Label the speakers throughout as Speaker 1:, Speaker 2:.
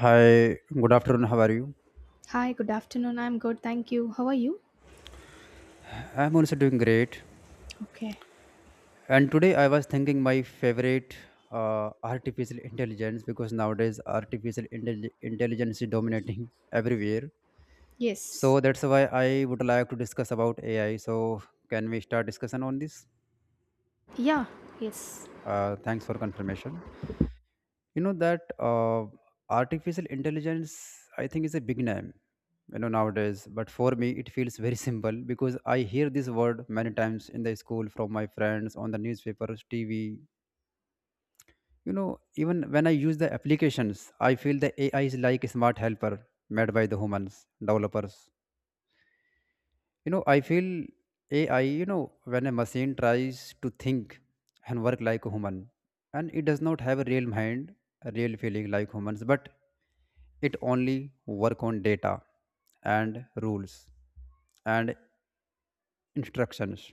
Speaker 1: Hi, good afternoon. How are you?
Speaker 2: Hi, good afternoon. I'm good, thank you. How are you?
Speaker 1: I'm also doing great.
Speaker 2: Okay.
Speaker 1: And today I was thinking my favorite artificial intelligence because nowadays artificial intelligence is dominating everywhere.
Speaker 2: Yes.
Speaker 1: So that's why I would like to discuss about AI. So can we start discussion on this?
Speaker 2: Yeah, yes.
Speaker 1: Thanks for confirmation. You know that artificial intelligence, I think, is a big name, you know, nowadays, but for me it feels very simple because I hear this word many times in the school, from my friends, on the newspapers, TV, you know. Even when I use the applications, I feel the AI is like a smart helper made by the humans, developers. You know, I feel AI, you know, when a machine tries to think and work like a human, and it does not have a real mind, a real feeling like humans, but it only work on data and rules and instructions.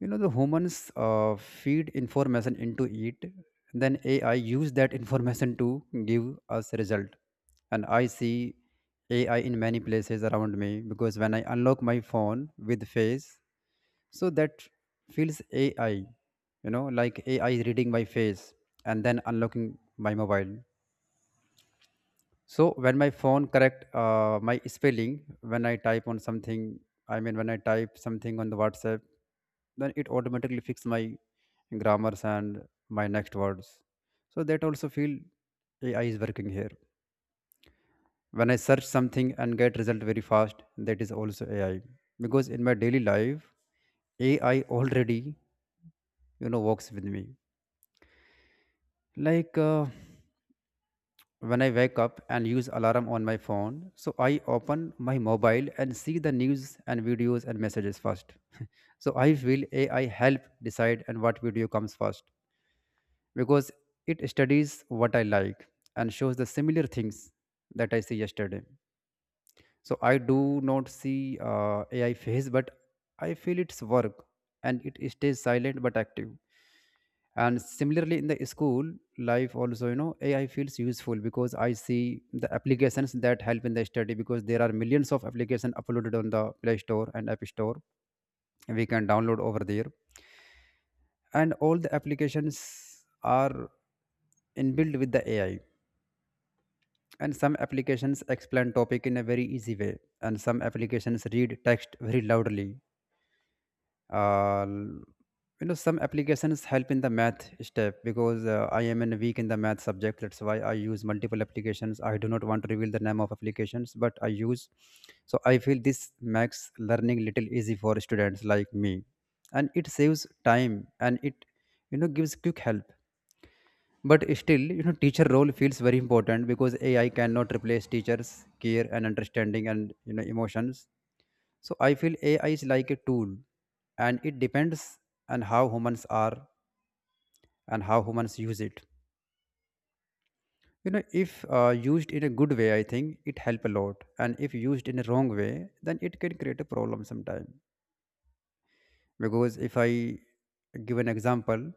Speaker 1: You know, the humans feed information into it, then AI use that information to give us result. And I see AI in many places around me because when I unlock my phone with face. So that feels AI, you know, like AI is reading my face and then unlocking my mobile. So when my phone correct my spelling, when I type on something, I mean when I type something on the WhatsApp, then it automatically fix my grammars and my next words. So that also feel AI is working here. When I search something and get result very fast, that is also AI. Because in my daily life, AI already, you know, works with me like when I wake up and use alarm on my phone, so I open my mobile and see the news and videos and messages first. So I feel AI help decide and what video comes first because it studies what I like and shows the similar things that I see yesterday. So I do not see AI face, but I feel its work, and it stays silent but active. And similarly, in the school life also, you know, AI feels useful because I see the applications that help in the study because there are millions of applications uploaded on the Play Store and App Store. We can download over there, and all the applications are inbuilt with the AI, and some applications explain topic in a very easy way, and some applications read text very loudly. uh, you know, some applications help in the math step because I am in weak in the math subject, that's why I use multiple applications. I do not want to reveal the name of applications, but I use. So I feel this makes learning little easy for students like me, and it saves time, and it, you know, gives quick help. But still, you know, teacher role feels very important because AI cannot replace teachers care and understanding and, you know, emotions. So I feel AI is like a tool, and it depends on how humans are and how humans use it. You know, if used in a good way, I think it help a lot. And if used in a wrong way, then it can create a problem sometime. Because if I give an example,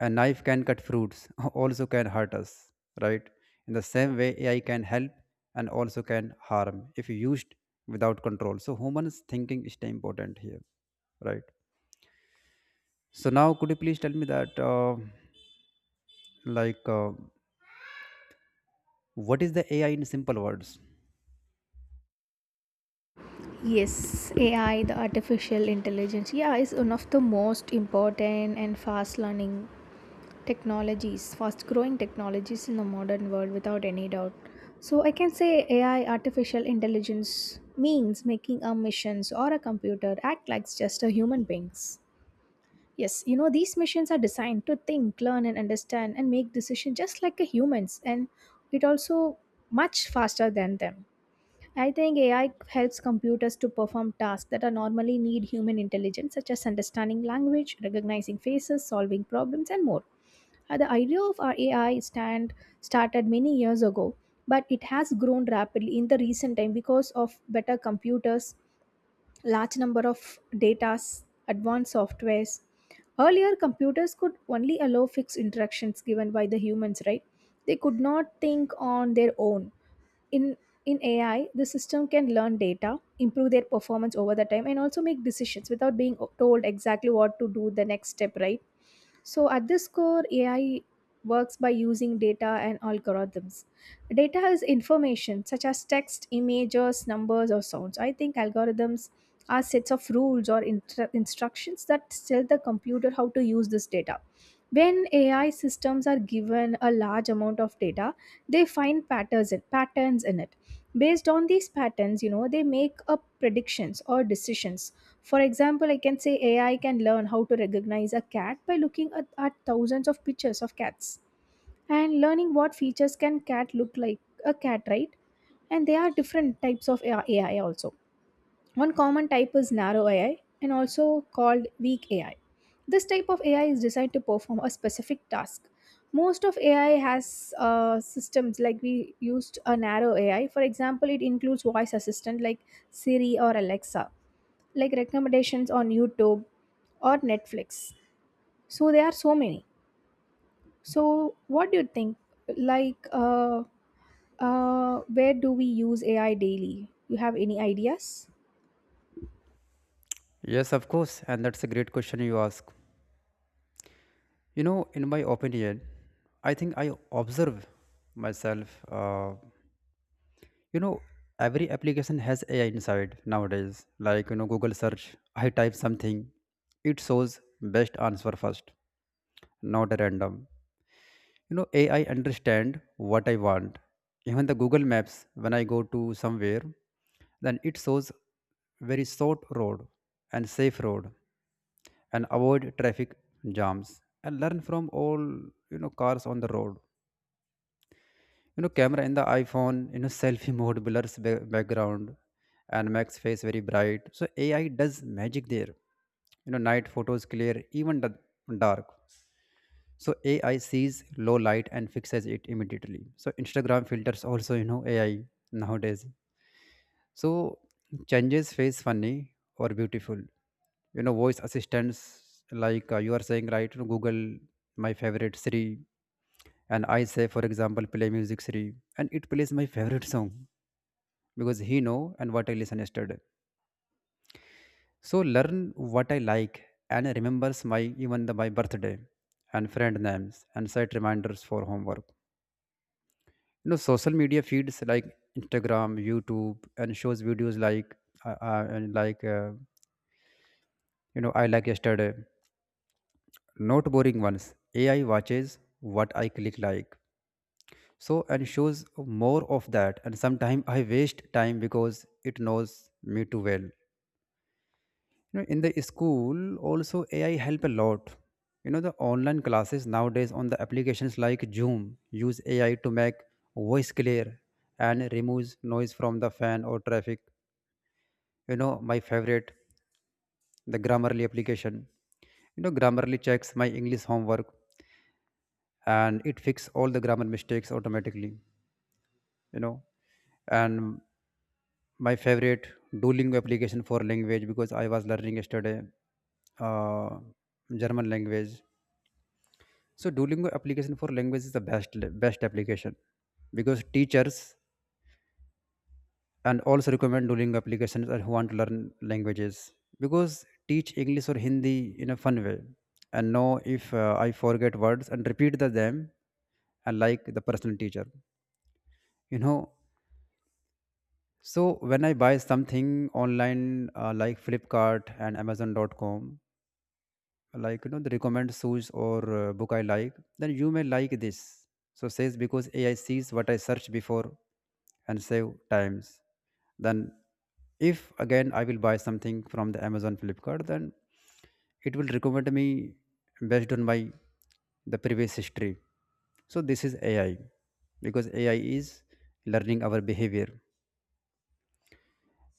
Speaker 1: a knife can cut fruits, also can hurt us, right? In the same way, AI can help and also can harm if used without control. So humans thinking is the important here, right? So now, could you please tell me that, like, what is the AI in simple words?
Speaker 2: Yes, AI, the artificial intelligence, yeah, is one of the most important and fast learning technologies, fast growing technologies in the modern world without any doubt. So I can say AI, artificial intelligence, means making a machines or a computer act like just a human beings. Yes, these machines are designed to think, learn, and understand and make decisions just like a humans, and it also much faster than them. I think AI helps computers to perform tasks that are normally need human intelligence, such as understanding language, recognizing faces, solving problems, and more. The idea of our AI stand started many years ago, but it has grown rapidly in the recent time because of better computers, large number of datas, advanced softwares. Earlier, computers could only allow fixed interactions given by the humans, right? They could not think on their own. In in AI, the system can learn data, improve their performance over the time, and also make decisions without being told exactly what to do the next step, right? So at this core, AI works by using data and algorithms. Data is information such as text, images, numbers, or sounds. I think algorithms are sets of rules or instructions that tell the computer how to use this data. When AI systems are given a large amount of data, they find patterns in it. Based on these patterns, they make up predictions or decisions. For example, I can say AI can learn how to recognize a cat by looking at thousands of pictures of cats and learning what features can cat look like a cat, right? And there are different types of AI also. One common type is narrow AI, and also called weak AI. This type of AI is designed to perform a specific task. Most of AI has systems like we used a narrow AI. For example, it includes voice assistant like Siri or Alexa, like recommendations on YouTube or Netflix. So there are so many. So what do you think? Like, where do we use AI daily? You have any ideas?
Speaker 1: Yes, of course, and that's a great question you ask. You know, in my opinion, I think I observe myself. You know, every application has AI inside nowadays. Like, you know, Google search. I type something, it shows best answer first, not random. You know, AI understand what I want. Even the Google Maps, when I go to somewhere, then it shows very short road and safe road and avoid traffic jams and learn from all, you know, cars on the road. You know, camera in the iPhone, you know, selfie mode blurs background and makes face very bright, so AI does magic there. You know, night photos clear even the dark. So AI sees low light and fixes it immediately. So Instagram filters also, you know, AI nowadays, so changes face funny or beautiful. You know, voice assistants like, you are saying, right? You know, Google, my favorite Siri, and I say for example play music Siri, and it plays my favorite song because he know and what I listen yesterday. So learn what I like and remembers my even the, my birthday and friend names and set reminders for homework. You know, social media feeds like Instagram, YouTube, and shows videos like and like you know, I like yesterday, not boring ones. AI watches what I click like, so and shows more of that, and sometimes I waste time because it knows me too well. You know, in the school also, AI help a lot. You know, the online classes nowadays on the applications like Zoom use AI to make voice clear and removes noise from the fan or traffic. You know, my favorite the Grammarly application. You know, Grammarly checks my English homework, and it fixes all the grammar mistakes automatically, you know. And my favorite Duolingo application for language because I was learning yesterday uh, German language. So Duolingo application for language is the best application because teachers and also recommend Duolingo applications and who want to learn languages. Because teach English or Hindi in a fun way, and know if I forget words and repeat them and like the personal teacher, you know. So when I buy something online like Flipkart and amazon.com, like, you know, the recommend shoes or book I like, then you may like this, so says because AI sees what I search before and save times. Then if again I will buy something from the Amazon Flipkart, then it will recommend me based on my the previous history. So this is AI because AI is learning our behavior.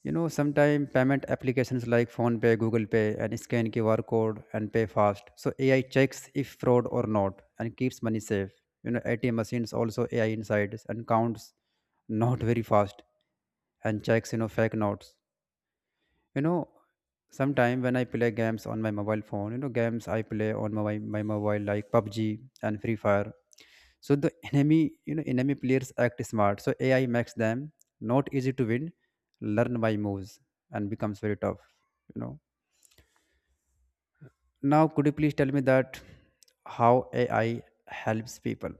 Speaker 1: You know, sometimes payment applications like PhonePay, Google Pay, and scan QR code and pay fast. So AI checks if fraud or not and keeps money safe. You know, ATM machines also AI inside and counts not very fast and checks, you know, fake notes. You know, sometimes when I play games on my mobile phone, you know, games I play on my mobile like PUBG and Free Fire, so the enemy, you know, enemy players act smart, so AI makes them not easy to win, learn by moves, and becomes very tough, you know. Now, could you please tell me that how AI helps people?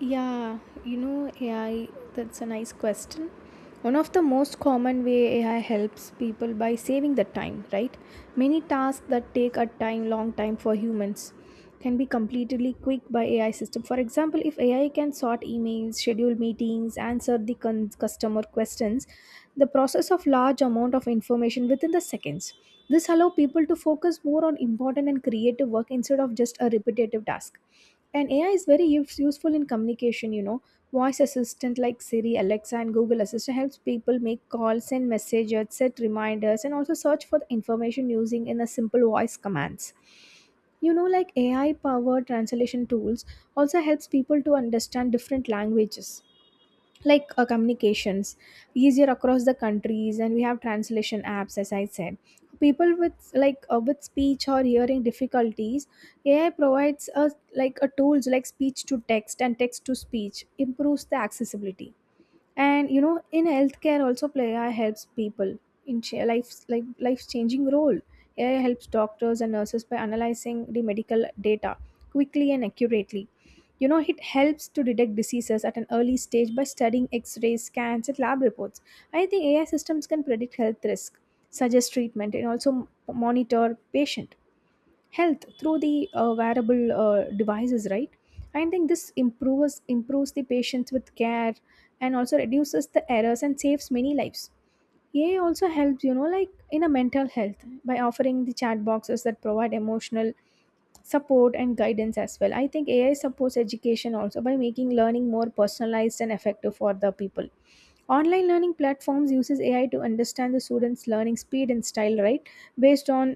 Speaker 2: Yeah, AI, that's a nice question. One of the most common way AI helps people by saving the time, right? Many tasks that take a time long time for humans can be completely quick by AI system. For example, if AI can sort emails, schedule meetings, answer the customer questions, the process of large amount of information within the seconds. This allow people to focus more on important and creative work instead of just a repetitive task. And AI is very useful in communication. Voice assistant like Siri, Alexa, and Google Assistant helps people make calls, send messages, set reminders, and also search for the information using in a simple voice commands. Like AI powered translation tools also helps people to understand different languages, like communications easier across the countries, and we have translation apps. As I said, people with like with speech or hearing difficulties, AI provides us like a tools like speech to text and text to speech, improves the accessibility. And in healthcare also, play AI helps people in life, like life changing role. AI helps doctors and nurses by analyzing the medical data quickly and accurately. It helps to detect diseases at an early stage by studying x rays, scans, and lab reports. I think AI systems can predict health risk, suggest treatment, and also monitor patient health through the wearable devices, right? I think this improves the patients with care, and also reduces the errors and saves many lives. AI also helps, like in a mental health by offering the chat boxes that provide emotional support and guidance as well. I think AI supports education also by making learning more personalized and effective for the people. Online learning platforms uses AI to understand the students learning speed and style, right? Based on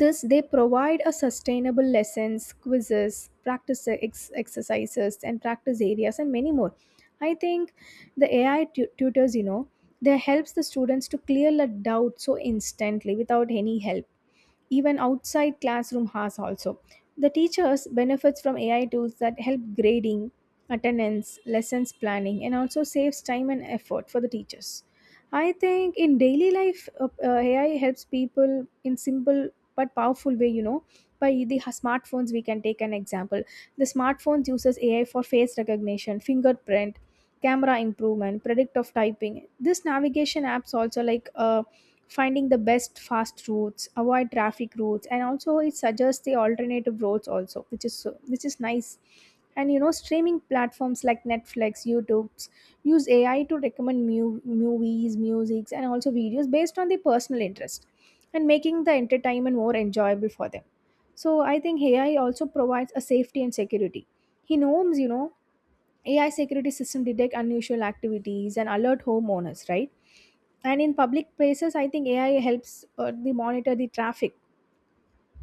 Speaker 2: this, they provide a sustainable lessons, quizzes, practice exercises, and practice areas, and many more. I think the AI tutors, they helps the students to clear the doubt so instantly without any help, even outside classroom has also. The teachers benefits from AI tools that help grading, attendance, lessons planning, and also saves time and effort for the teachers. I think in daily life, AI helps people in simple but powerful way. By the smartphones, we can take an example. The smartphones uses AI for face recognition, fingerprint, camera improvement, predict of typing. This navigation apps also like. Finding the best fast routes, avoid traffic routes, and also it suggests the alternative routes also, which is nice. And streaming platforms like Netflix, YouTube's use AI to recommend movies, musics, and also videos based on the personal interest, and making the entertainment more enjoyable for them. So I think AI also provides a safety and security, he knows, AI security system detect unusual activities and alert homeowners, right? And in public places, I think AI helps the monitor the traffic,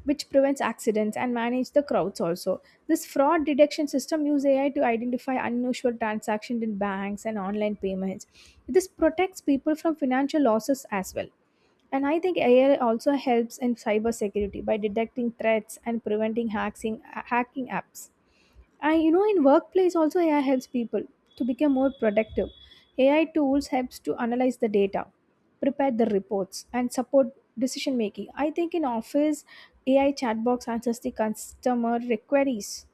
Speaker 2: which prevents accidents and manage the crowds also. This fraud detection system use AI to identify unusual transactions in banks and online payments. This protects people from financial losses as well. And I think AI also helps in cybersecurity by detecting threats and preventing hacking apps. In workplace also, AI helps people to become more productive. AI tools helps to analyze the data, prepare the reports, and support decision making. I think in office, AI chatbox answers the customer queries,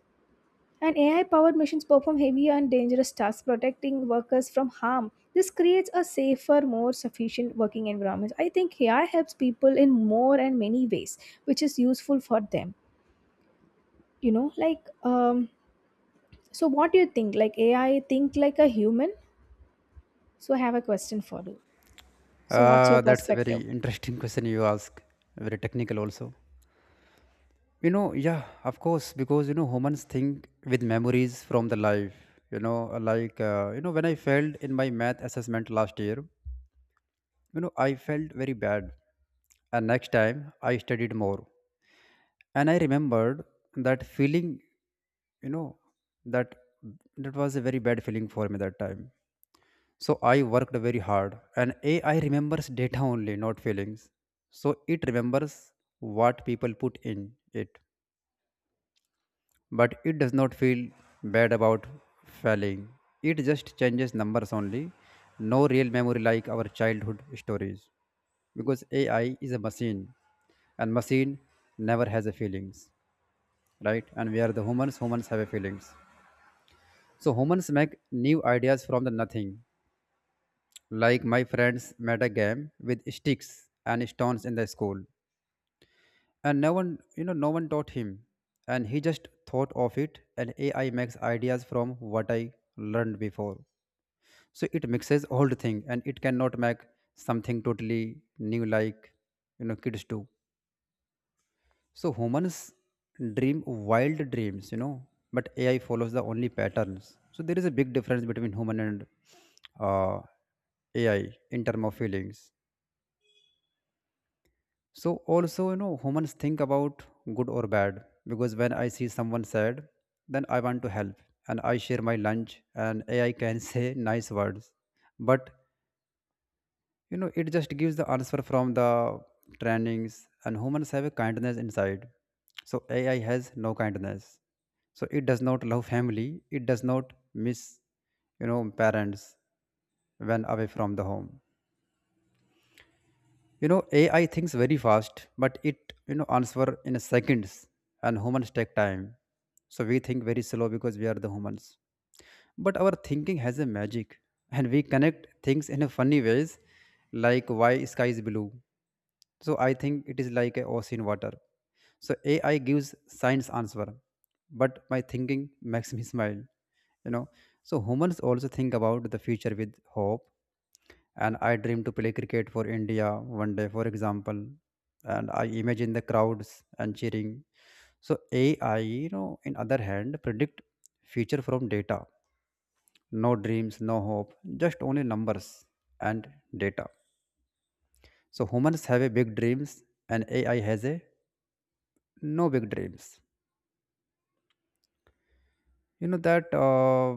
Speaker 2: and AI powered machines perform heavy and dangerous tasks, protecting workers from harm. This creates a safer, more sufficient working environment. I think AI helps people in more and many ways, which is useful for them. Like, so what do you think? Like AI think like a human? So ha- so what's your
Speaker 1: That's a very
Speaker 2: perspective?
Speaker 1: interesting question you ask. Very technical also, you know. Yeah, of course, because you know humans think with memories from the life, you know, like you know when I failed in my math assessment last year. You know, I felt very bad. And next time I studied more. And I remembered that feeling, you know, that that was a very bad feeling for me that time. So I worked very hard. And AI remembers data only, not feelings. So it remembers what people put in it. But it does not feel bad about failing. It just changes numbers only. No real memory like our childhood stories. Because AI is a machine, and machine never has a feelings, right? And we are the humans. Humans have a feelings. So humans make new ideas from the nothing, like my friends made a game with sticks and stones in the school, and no one, you know, no one taught him, and he just thought of it. And AI makes ideas from what I learned before, so it mixes old thing, and it cannot make something totally new like, you know, kids do. So humans dream wild dreams, you know, but AI follows the only patterns. So there is a big difference between human and uh, AI in term of feelings. So also, you know, humans think about good or bad because when I see someone sad, then I want to help, and I share my lunch, and AI can say nice words, but, you know, it just gives the answer from the trainings, and humans have a kindness inside. So AI has no kindness. So it does not love family. It does not miss, you know, parents when away from the home. You know, AI thinks very fast, but it, you know, answer in seconds, and humans take time. So we think very slow because we are the humans, but our thinking has a magic and we connect things in a funny ways, like why sky is blue. So I think it is like a ocean water. So AI gives science answer, but my thinking makes me smile, you know so humans also think about the future with hope. And I dream to play cricket for India one day, for example. And I imagine the crowds and cheering. So AI, in other hand predict future from data. No dreams, no hope, just only numbers and data. So humans have a big dreams and AI has a no big dreams. You know that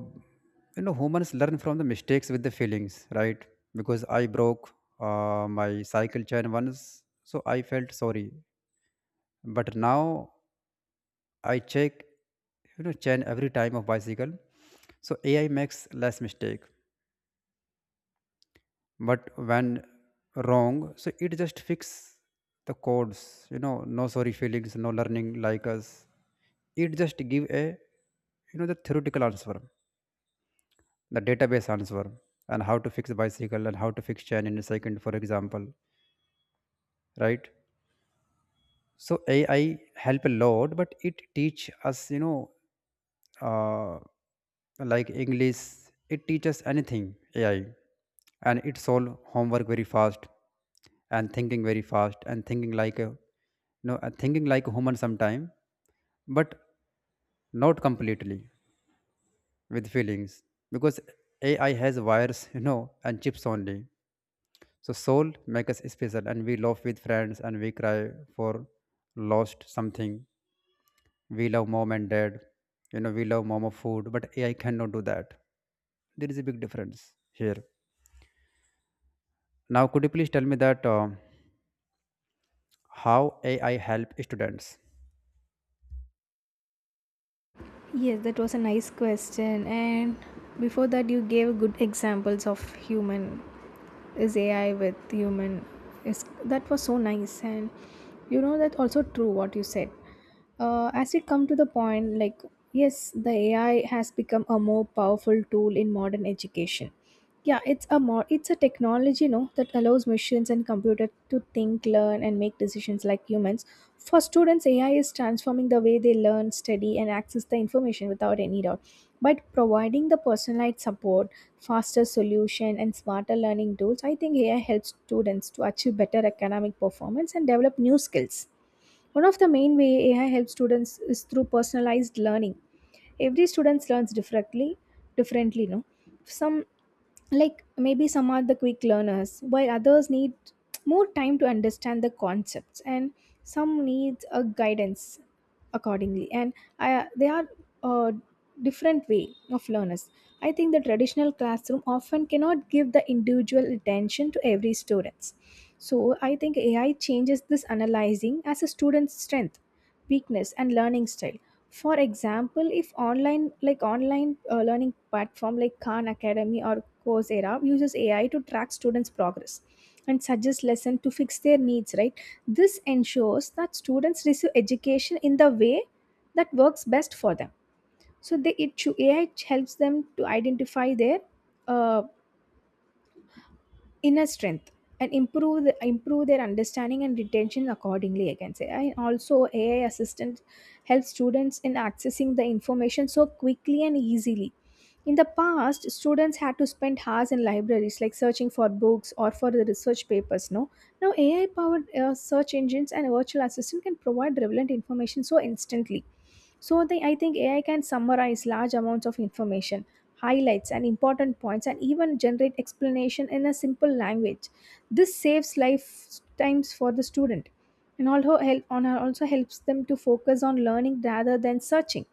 Speaker 1: you know humans learn from the mistakes with the feelings, right? Because I broke my cycle chain once, so I felt sorry. But now I check chain every time of bicycle, so AI makes less mistake. But when wrong, so it just fix the codes, no sorry feelings, no learning like us. It just give a, the theoretical answer, the database answer, and how to fix a bicycle and how to fix chain in a second, for example, right? So AI help a lot, but it teach us uh, like English, it teaches anything, AI, and it solve homework very fast, and thinking very fast, and thinking like a no thinking like a human sometime, but not completely with feelings, because AI has wires and chips only. So soul make us special, and we laugh with friends and we cry for lost something. We love mom and dad. We love mama food, but AI cannot do that. There is a big difference here. Now could you please tell me that how AI help students?
Speaker 2: Yes, that was a nice question. And before that, you gave good examples of human is AI with human. Is that was so nice, and you know that also true what you said. As we come to the point, like yes, the AI has become a more powerful tool in modern education. Yeah, it's a technology, that allows machines and computer to think, learn, and make decisions like humans. For students, AI is transforming the way they learn, study, and access the information without any doubt. But providing the personalized support, faster solution, and smarter learning tools, I think AI helps students to achieve better academic performance and develop new skills. One of the main way AI helps students is through personalized learning. Every student learns differently, no? Some, like maybe some are the quick learners, while others need more time to understand the concepts, and some needs a guidance accordingly. And they are a different way of learners. I think the traditional classroom often cannot give the individual attention to every students. So I think AI changes this analyzing as a student's strength, weakness, and learning style. For example, if online learning platform like Khan Academy or Coursera uses AI to track students progress, and suggest lesson to fix their needs, right? This ensures that students receive education in the way that works best for them. So AI helps them to identify their uh, inner strength, and improve their understanding and retention accordingly, I can say. And also, AI assistant helps students in accessing the information so quickly and easily. In the past, students had to spend hours in libraries, like searching for books or for the research papers, no? Now, AI powered search engines and virtual assistant can provide relevant information so instantly. I think AI can summarize large amounts of information, highlights and important points, and even generate explanation in a simple language. This saves lifetimes for the student, and also helps them to focus on learning rather than searching.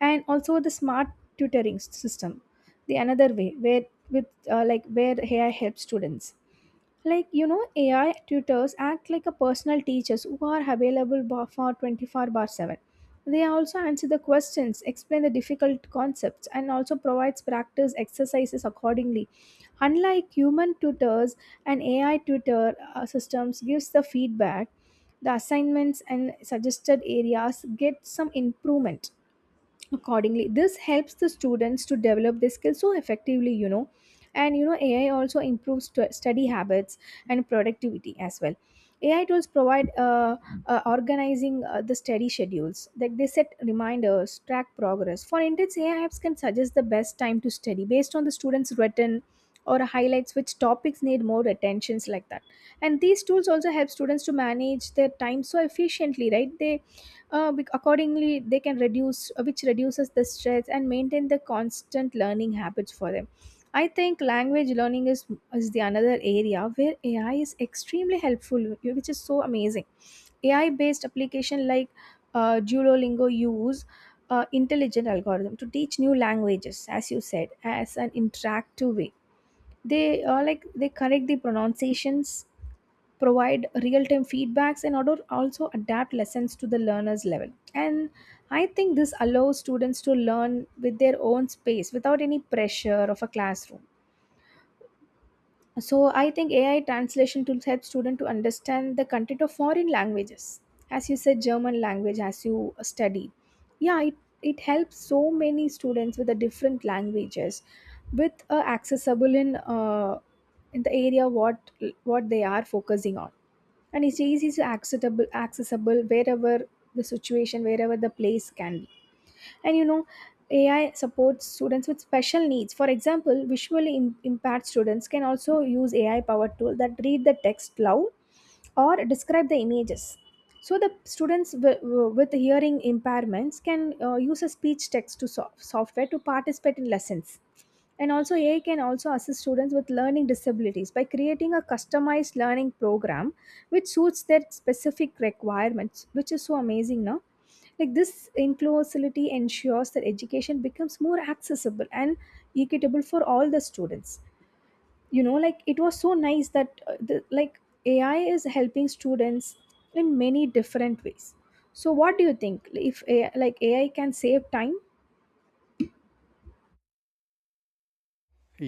Speaker 2: And also the smart tutoring system, the another way where with like where AI helps students. Like, AI tutors act like a personal teachers who are available for 24 bar 7. They also answer the questions, explain the difficult concepts, and also provides practice exercises accordingly, unlike human tutors. An AI tutor systems gives the feedback, the assignments, and suggested areas get some improvement accordingly. This helps the students to develop their skills so effectively and AI also improves study habits and productivity as well. AI tools provide organizing the study schedules, like they set reminders, track progress. For instance, AI apps can suggest the best time to study based on the students written, or highlights which topics need more attentions like that. And these tools also help students to manage their time so efficiently, right? They accordingly they can reduce which reduces the stress and maintain the constant learning habits for them. I think language learning is the another area where AI is extremely helpful, which is so amazing. AI based application like Duolingo use intelligent algorithm to teach new languages, as you said, as an interactive way. They like, they correct the pronunciations, provide real-time feedbacks and order also adapt lessons to the learner's level. And I think this allows students to learn with their own space without any pressure of a classroom. So I think AI translation tools help students to understand the content of foreign languages, as you said German language as you studied. Yeah, it helps so many students with the different languages, with accessible in the area what they are focusing on. And it's easy to accessible wherever the situation, wherever the place can be. And AI supports students with special needs. For example, visually impaired students can also use AI powered tool that read the text loud, or describe the images. So the students with hearing impairments can use a speech text to software to participate in lessons. And also, AI can also assist students with learning disabilities by creating a customized learning program, which suits their specific requirements, which is so amazing, no? Like, this inclusivity ensures that education becomes more accessible and equitable for all the students. You know, like, it was so nice that the, like AI is helping students in many different ways. So, what do you think? If AI, like, AI can save time.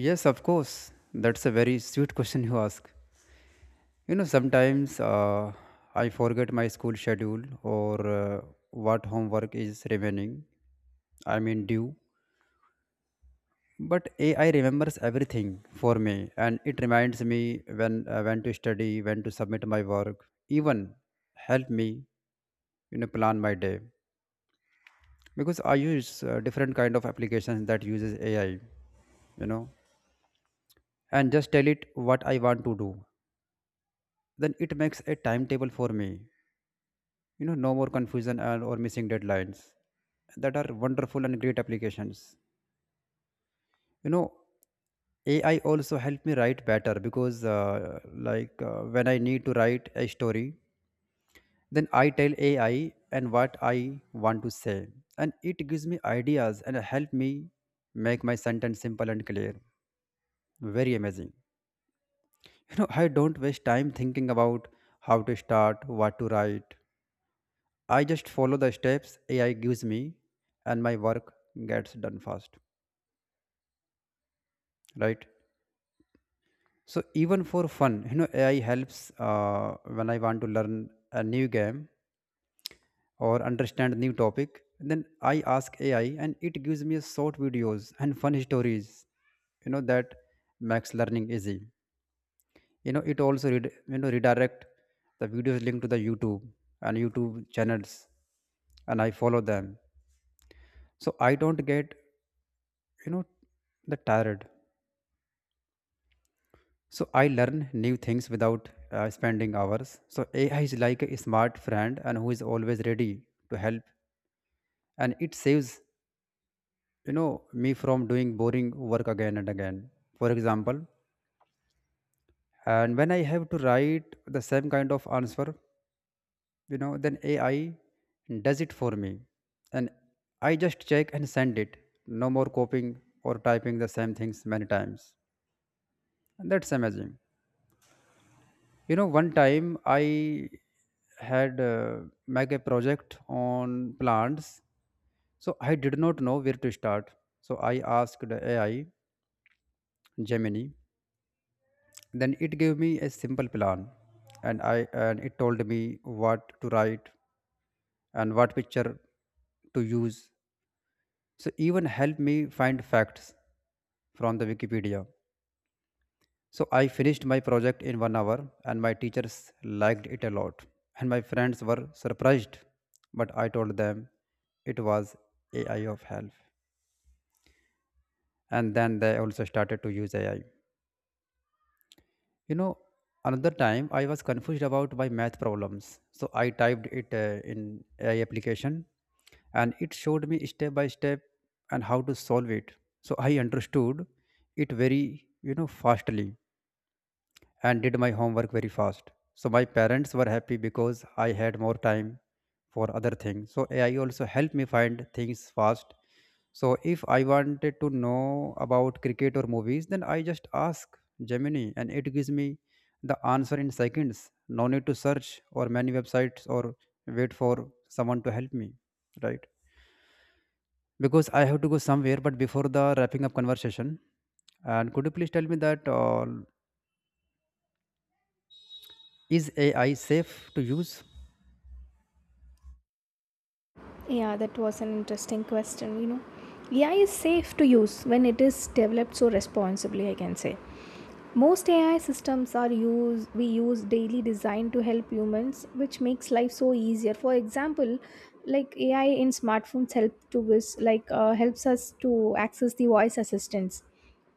Speaker 1: Yes, of course, that's a very sweet question you ask. You know sometimes I forget my school schedule, or what homework is remaining, I mean due. But AI remembers everything for me, and it reminds me when to study, when to submit my work, even help me plan my day, because I use different kind of applications that uses AI, you know and just tell it what I want to do, then it makes a timetable for me. No more confusion and or missing deadlines. That are wonderful and great applications. you know AI also helped me write better because when I need to write a story, then I tell AI and what I want to say, and it gives me ideas and help me make my sentence simple and clear. Very amazing. I don't waste time thinking about how to start, what to write. I just follow the steps AI gives me, and my work gets done fast, right? So even for fun, AI helps uh, when I want to learn a new game or understand new topic, then I ask AI and it gives me short videos and fun stories, that makes learning easy. You know, it also redirect the videos linked to the YouTube and YouTube channels, and I follow them, so I don't get, you know the tired. So I learn new things without spending hours. So AI is like a smart friend and who is always ready to help, and it saves, you know me from doing boring work again and again. For example, and when I have to write the same kind of answer, then AI does it for me, and I just check and send it. No more copying or typing the same things many times, and that's amazing. You know, one time I had make a project on plants, so I did not know where to start, so I asked AI Gemini. Then it gave me a simple plan, and I and it told me what to write and what picture to use. So even helped me find facts from the Wikipedia. So I finished my project in 1 hour, and my teachers liked it a lot, and my friends were surprised. But I told them it was AI of help, and then they also started to use AI. You know, another time I was confused about my math problems. So I typed it in AI application, and it showed me step by step and how to solve it. So I understood it very, fastly, and did my homework very fast. So my parents were happy because I had more time for other things. So AI also helped me find things fast. So if I wanted to know about cricket or movies, then I just ask Gemini, and it gives me the answer in seconds. No need to search or many websites or wait for someone to help me. Right. Because I have to go somewhere, but before the wrapping up conversation, and could you please tell me that is AI safe to use?
Speaker 2: Yeah, that was an interesting question. AI is safe to use when it is developed so responsibly, I can say. Most AI systems are used we use daily designed to help humans, which makes life so easier. For example, like AI in smartphones help to us, like helps us to access the voice assistance,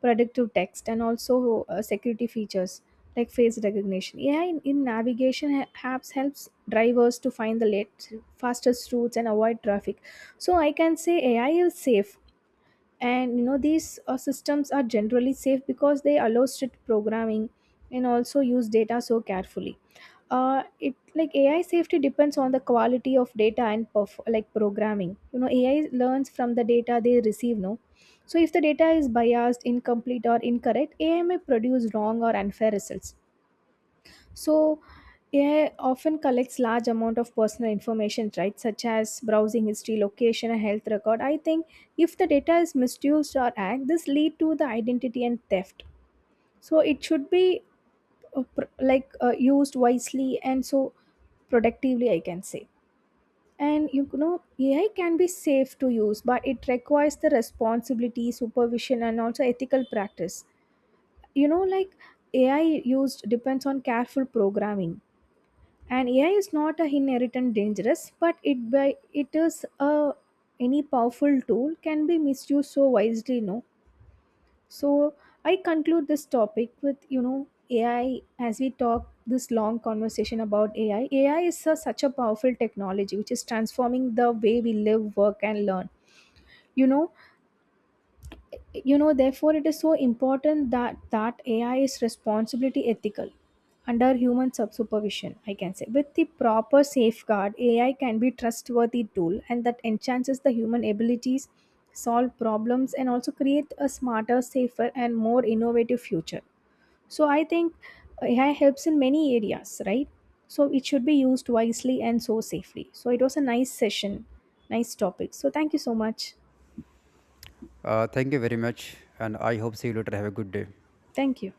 Speaker 2: predictive text, and also security features like face recognition AI in navigation apps helps drivers to find the late fastest routes and avoid traffic. So I can say AI is safe. And these systems are generally safe because they allow strict programming and also use data so carefully. It, like, AI safety depends on the quality of data and like programming. You know, AI learns from the data they receive. No, so if the data is biased, incomplete, or incorrect, AI may produce wrong or unfair results. So AI often collects large amount of personal information, right, such as browsing history, location, and health record. I think if the data is misused or hacked, this lead to the identity and theft. So it should be like used wisely and so productively, I can say. And you know, AI can be safe to use, but it requires the responsibility, supervision, and also ethical practice. You know, like, AI used depends on careful programming. And AI is not a inherent dangerous, but it by it is a, any powerful tool can be misused so wisely, no. So I conclude this topic with AI. As we talk this long conversation about AI such a powerful technology which is transforming the way we live, work, and learn. You know you know therefore it is so important that AI is responsibility ethical, under human sub supervision, I can say. With the proper safeguard, AI can be trustworthy tool and that enhances the human abilities, solve problems, and also create a smarter, safer, and more innovative future. So I think AI helps in many areas, right? So it should be used wisely and so safely. So it was a nice session, nice topic. So thank you so much.
Speaker 1: Thank you very much, and I hope see you later. Have a good day.
Speaker 2: Thank you.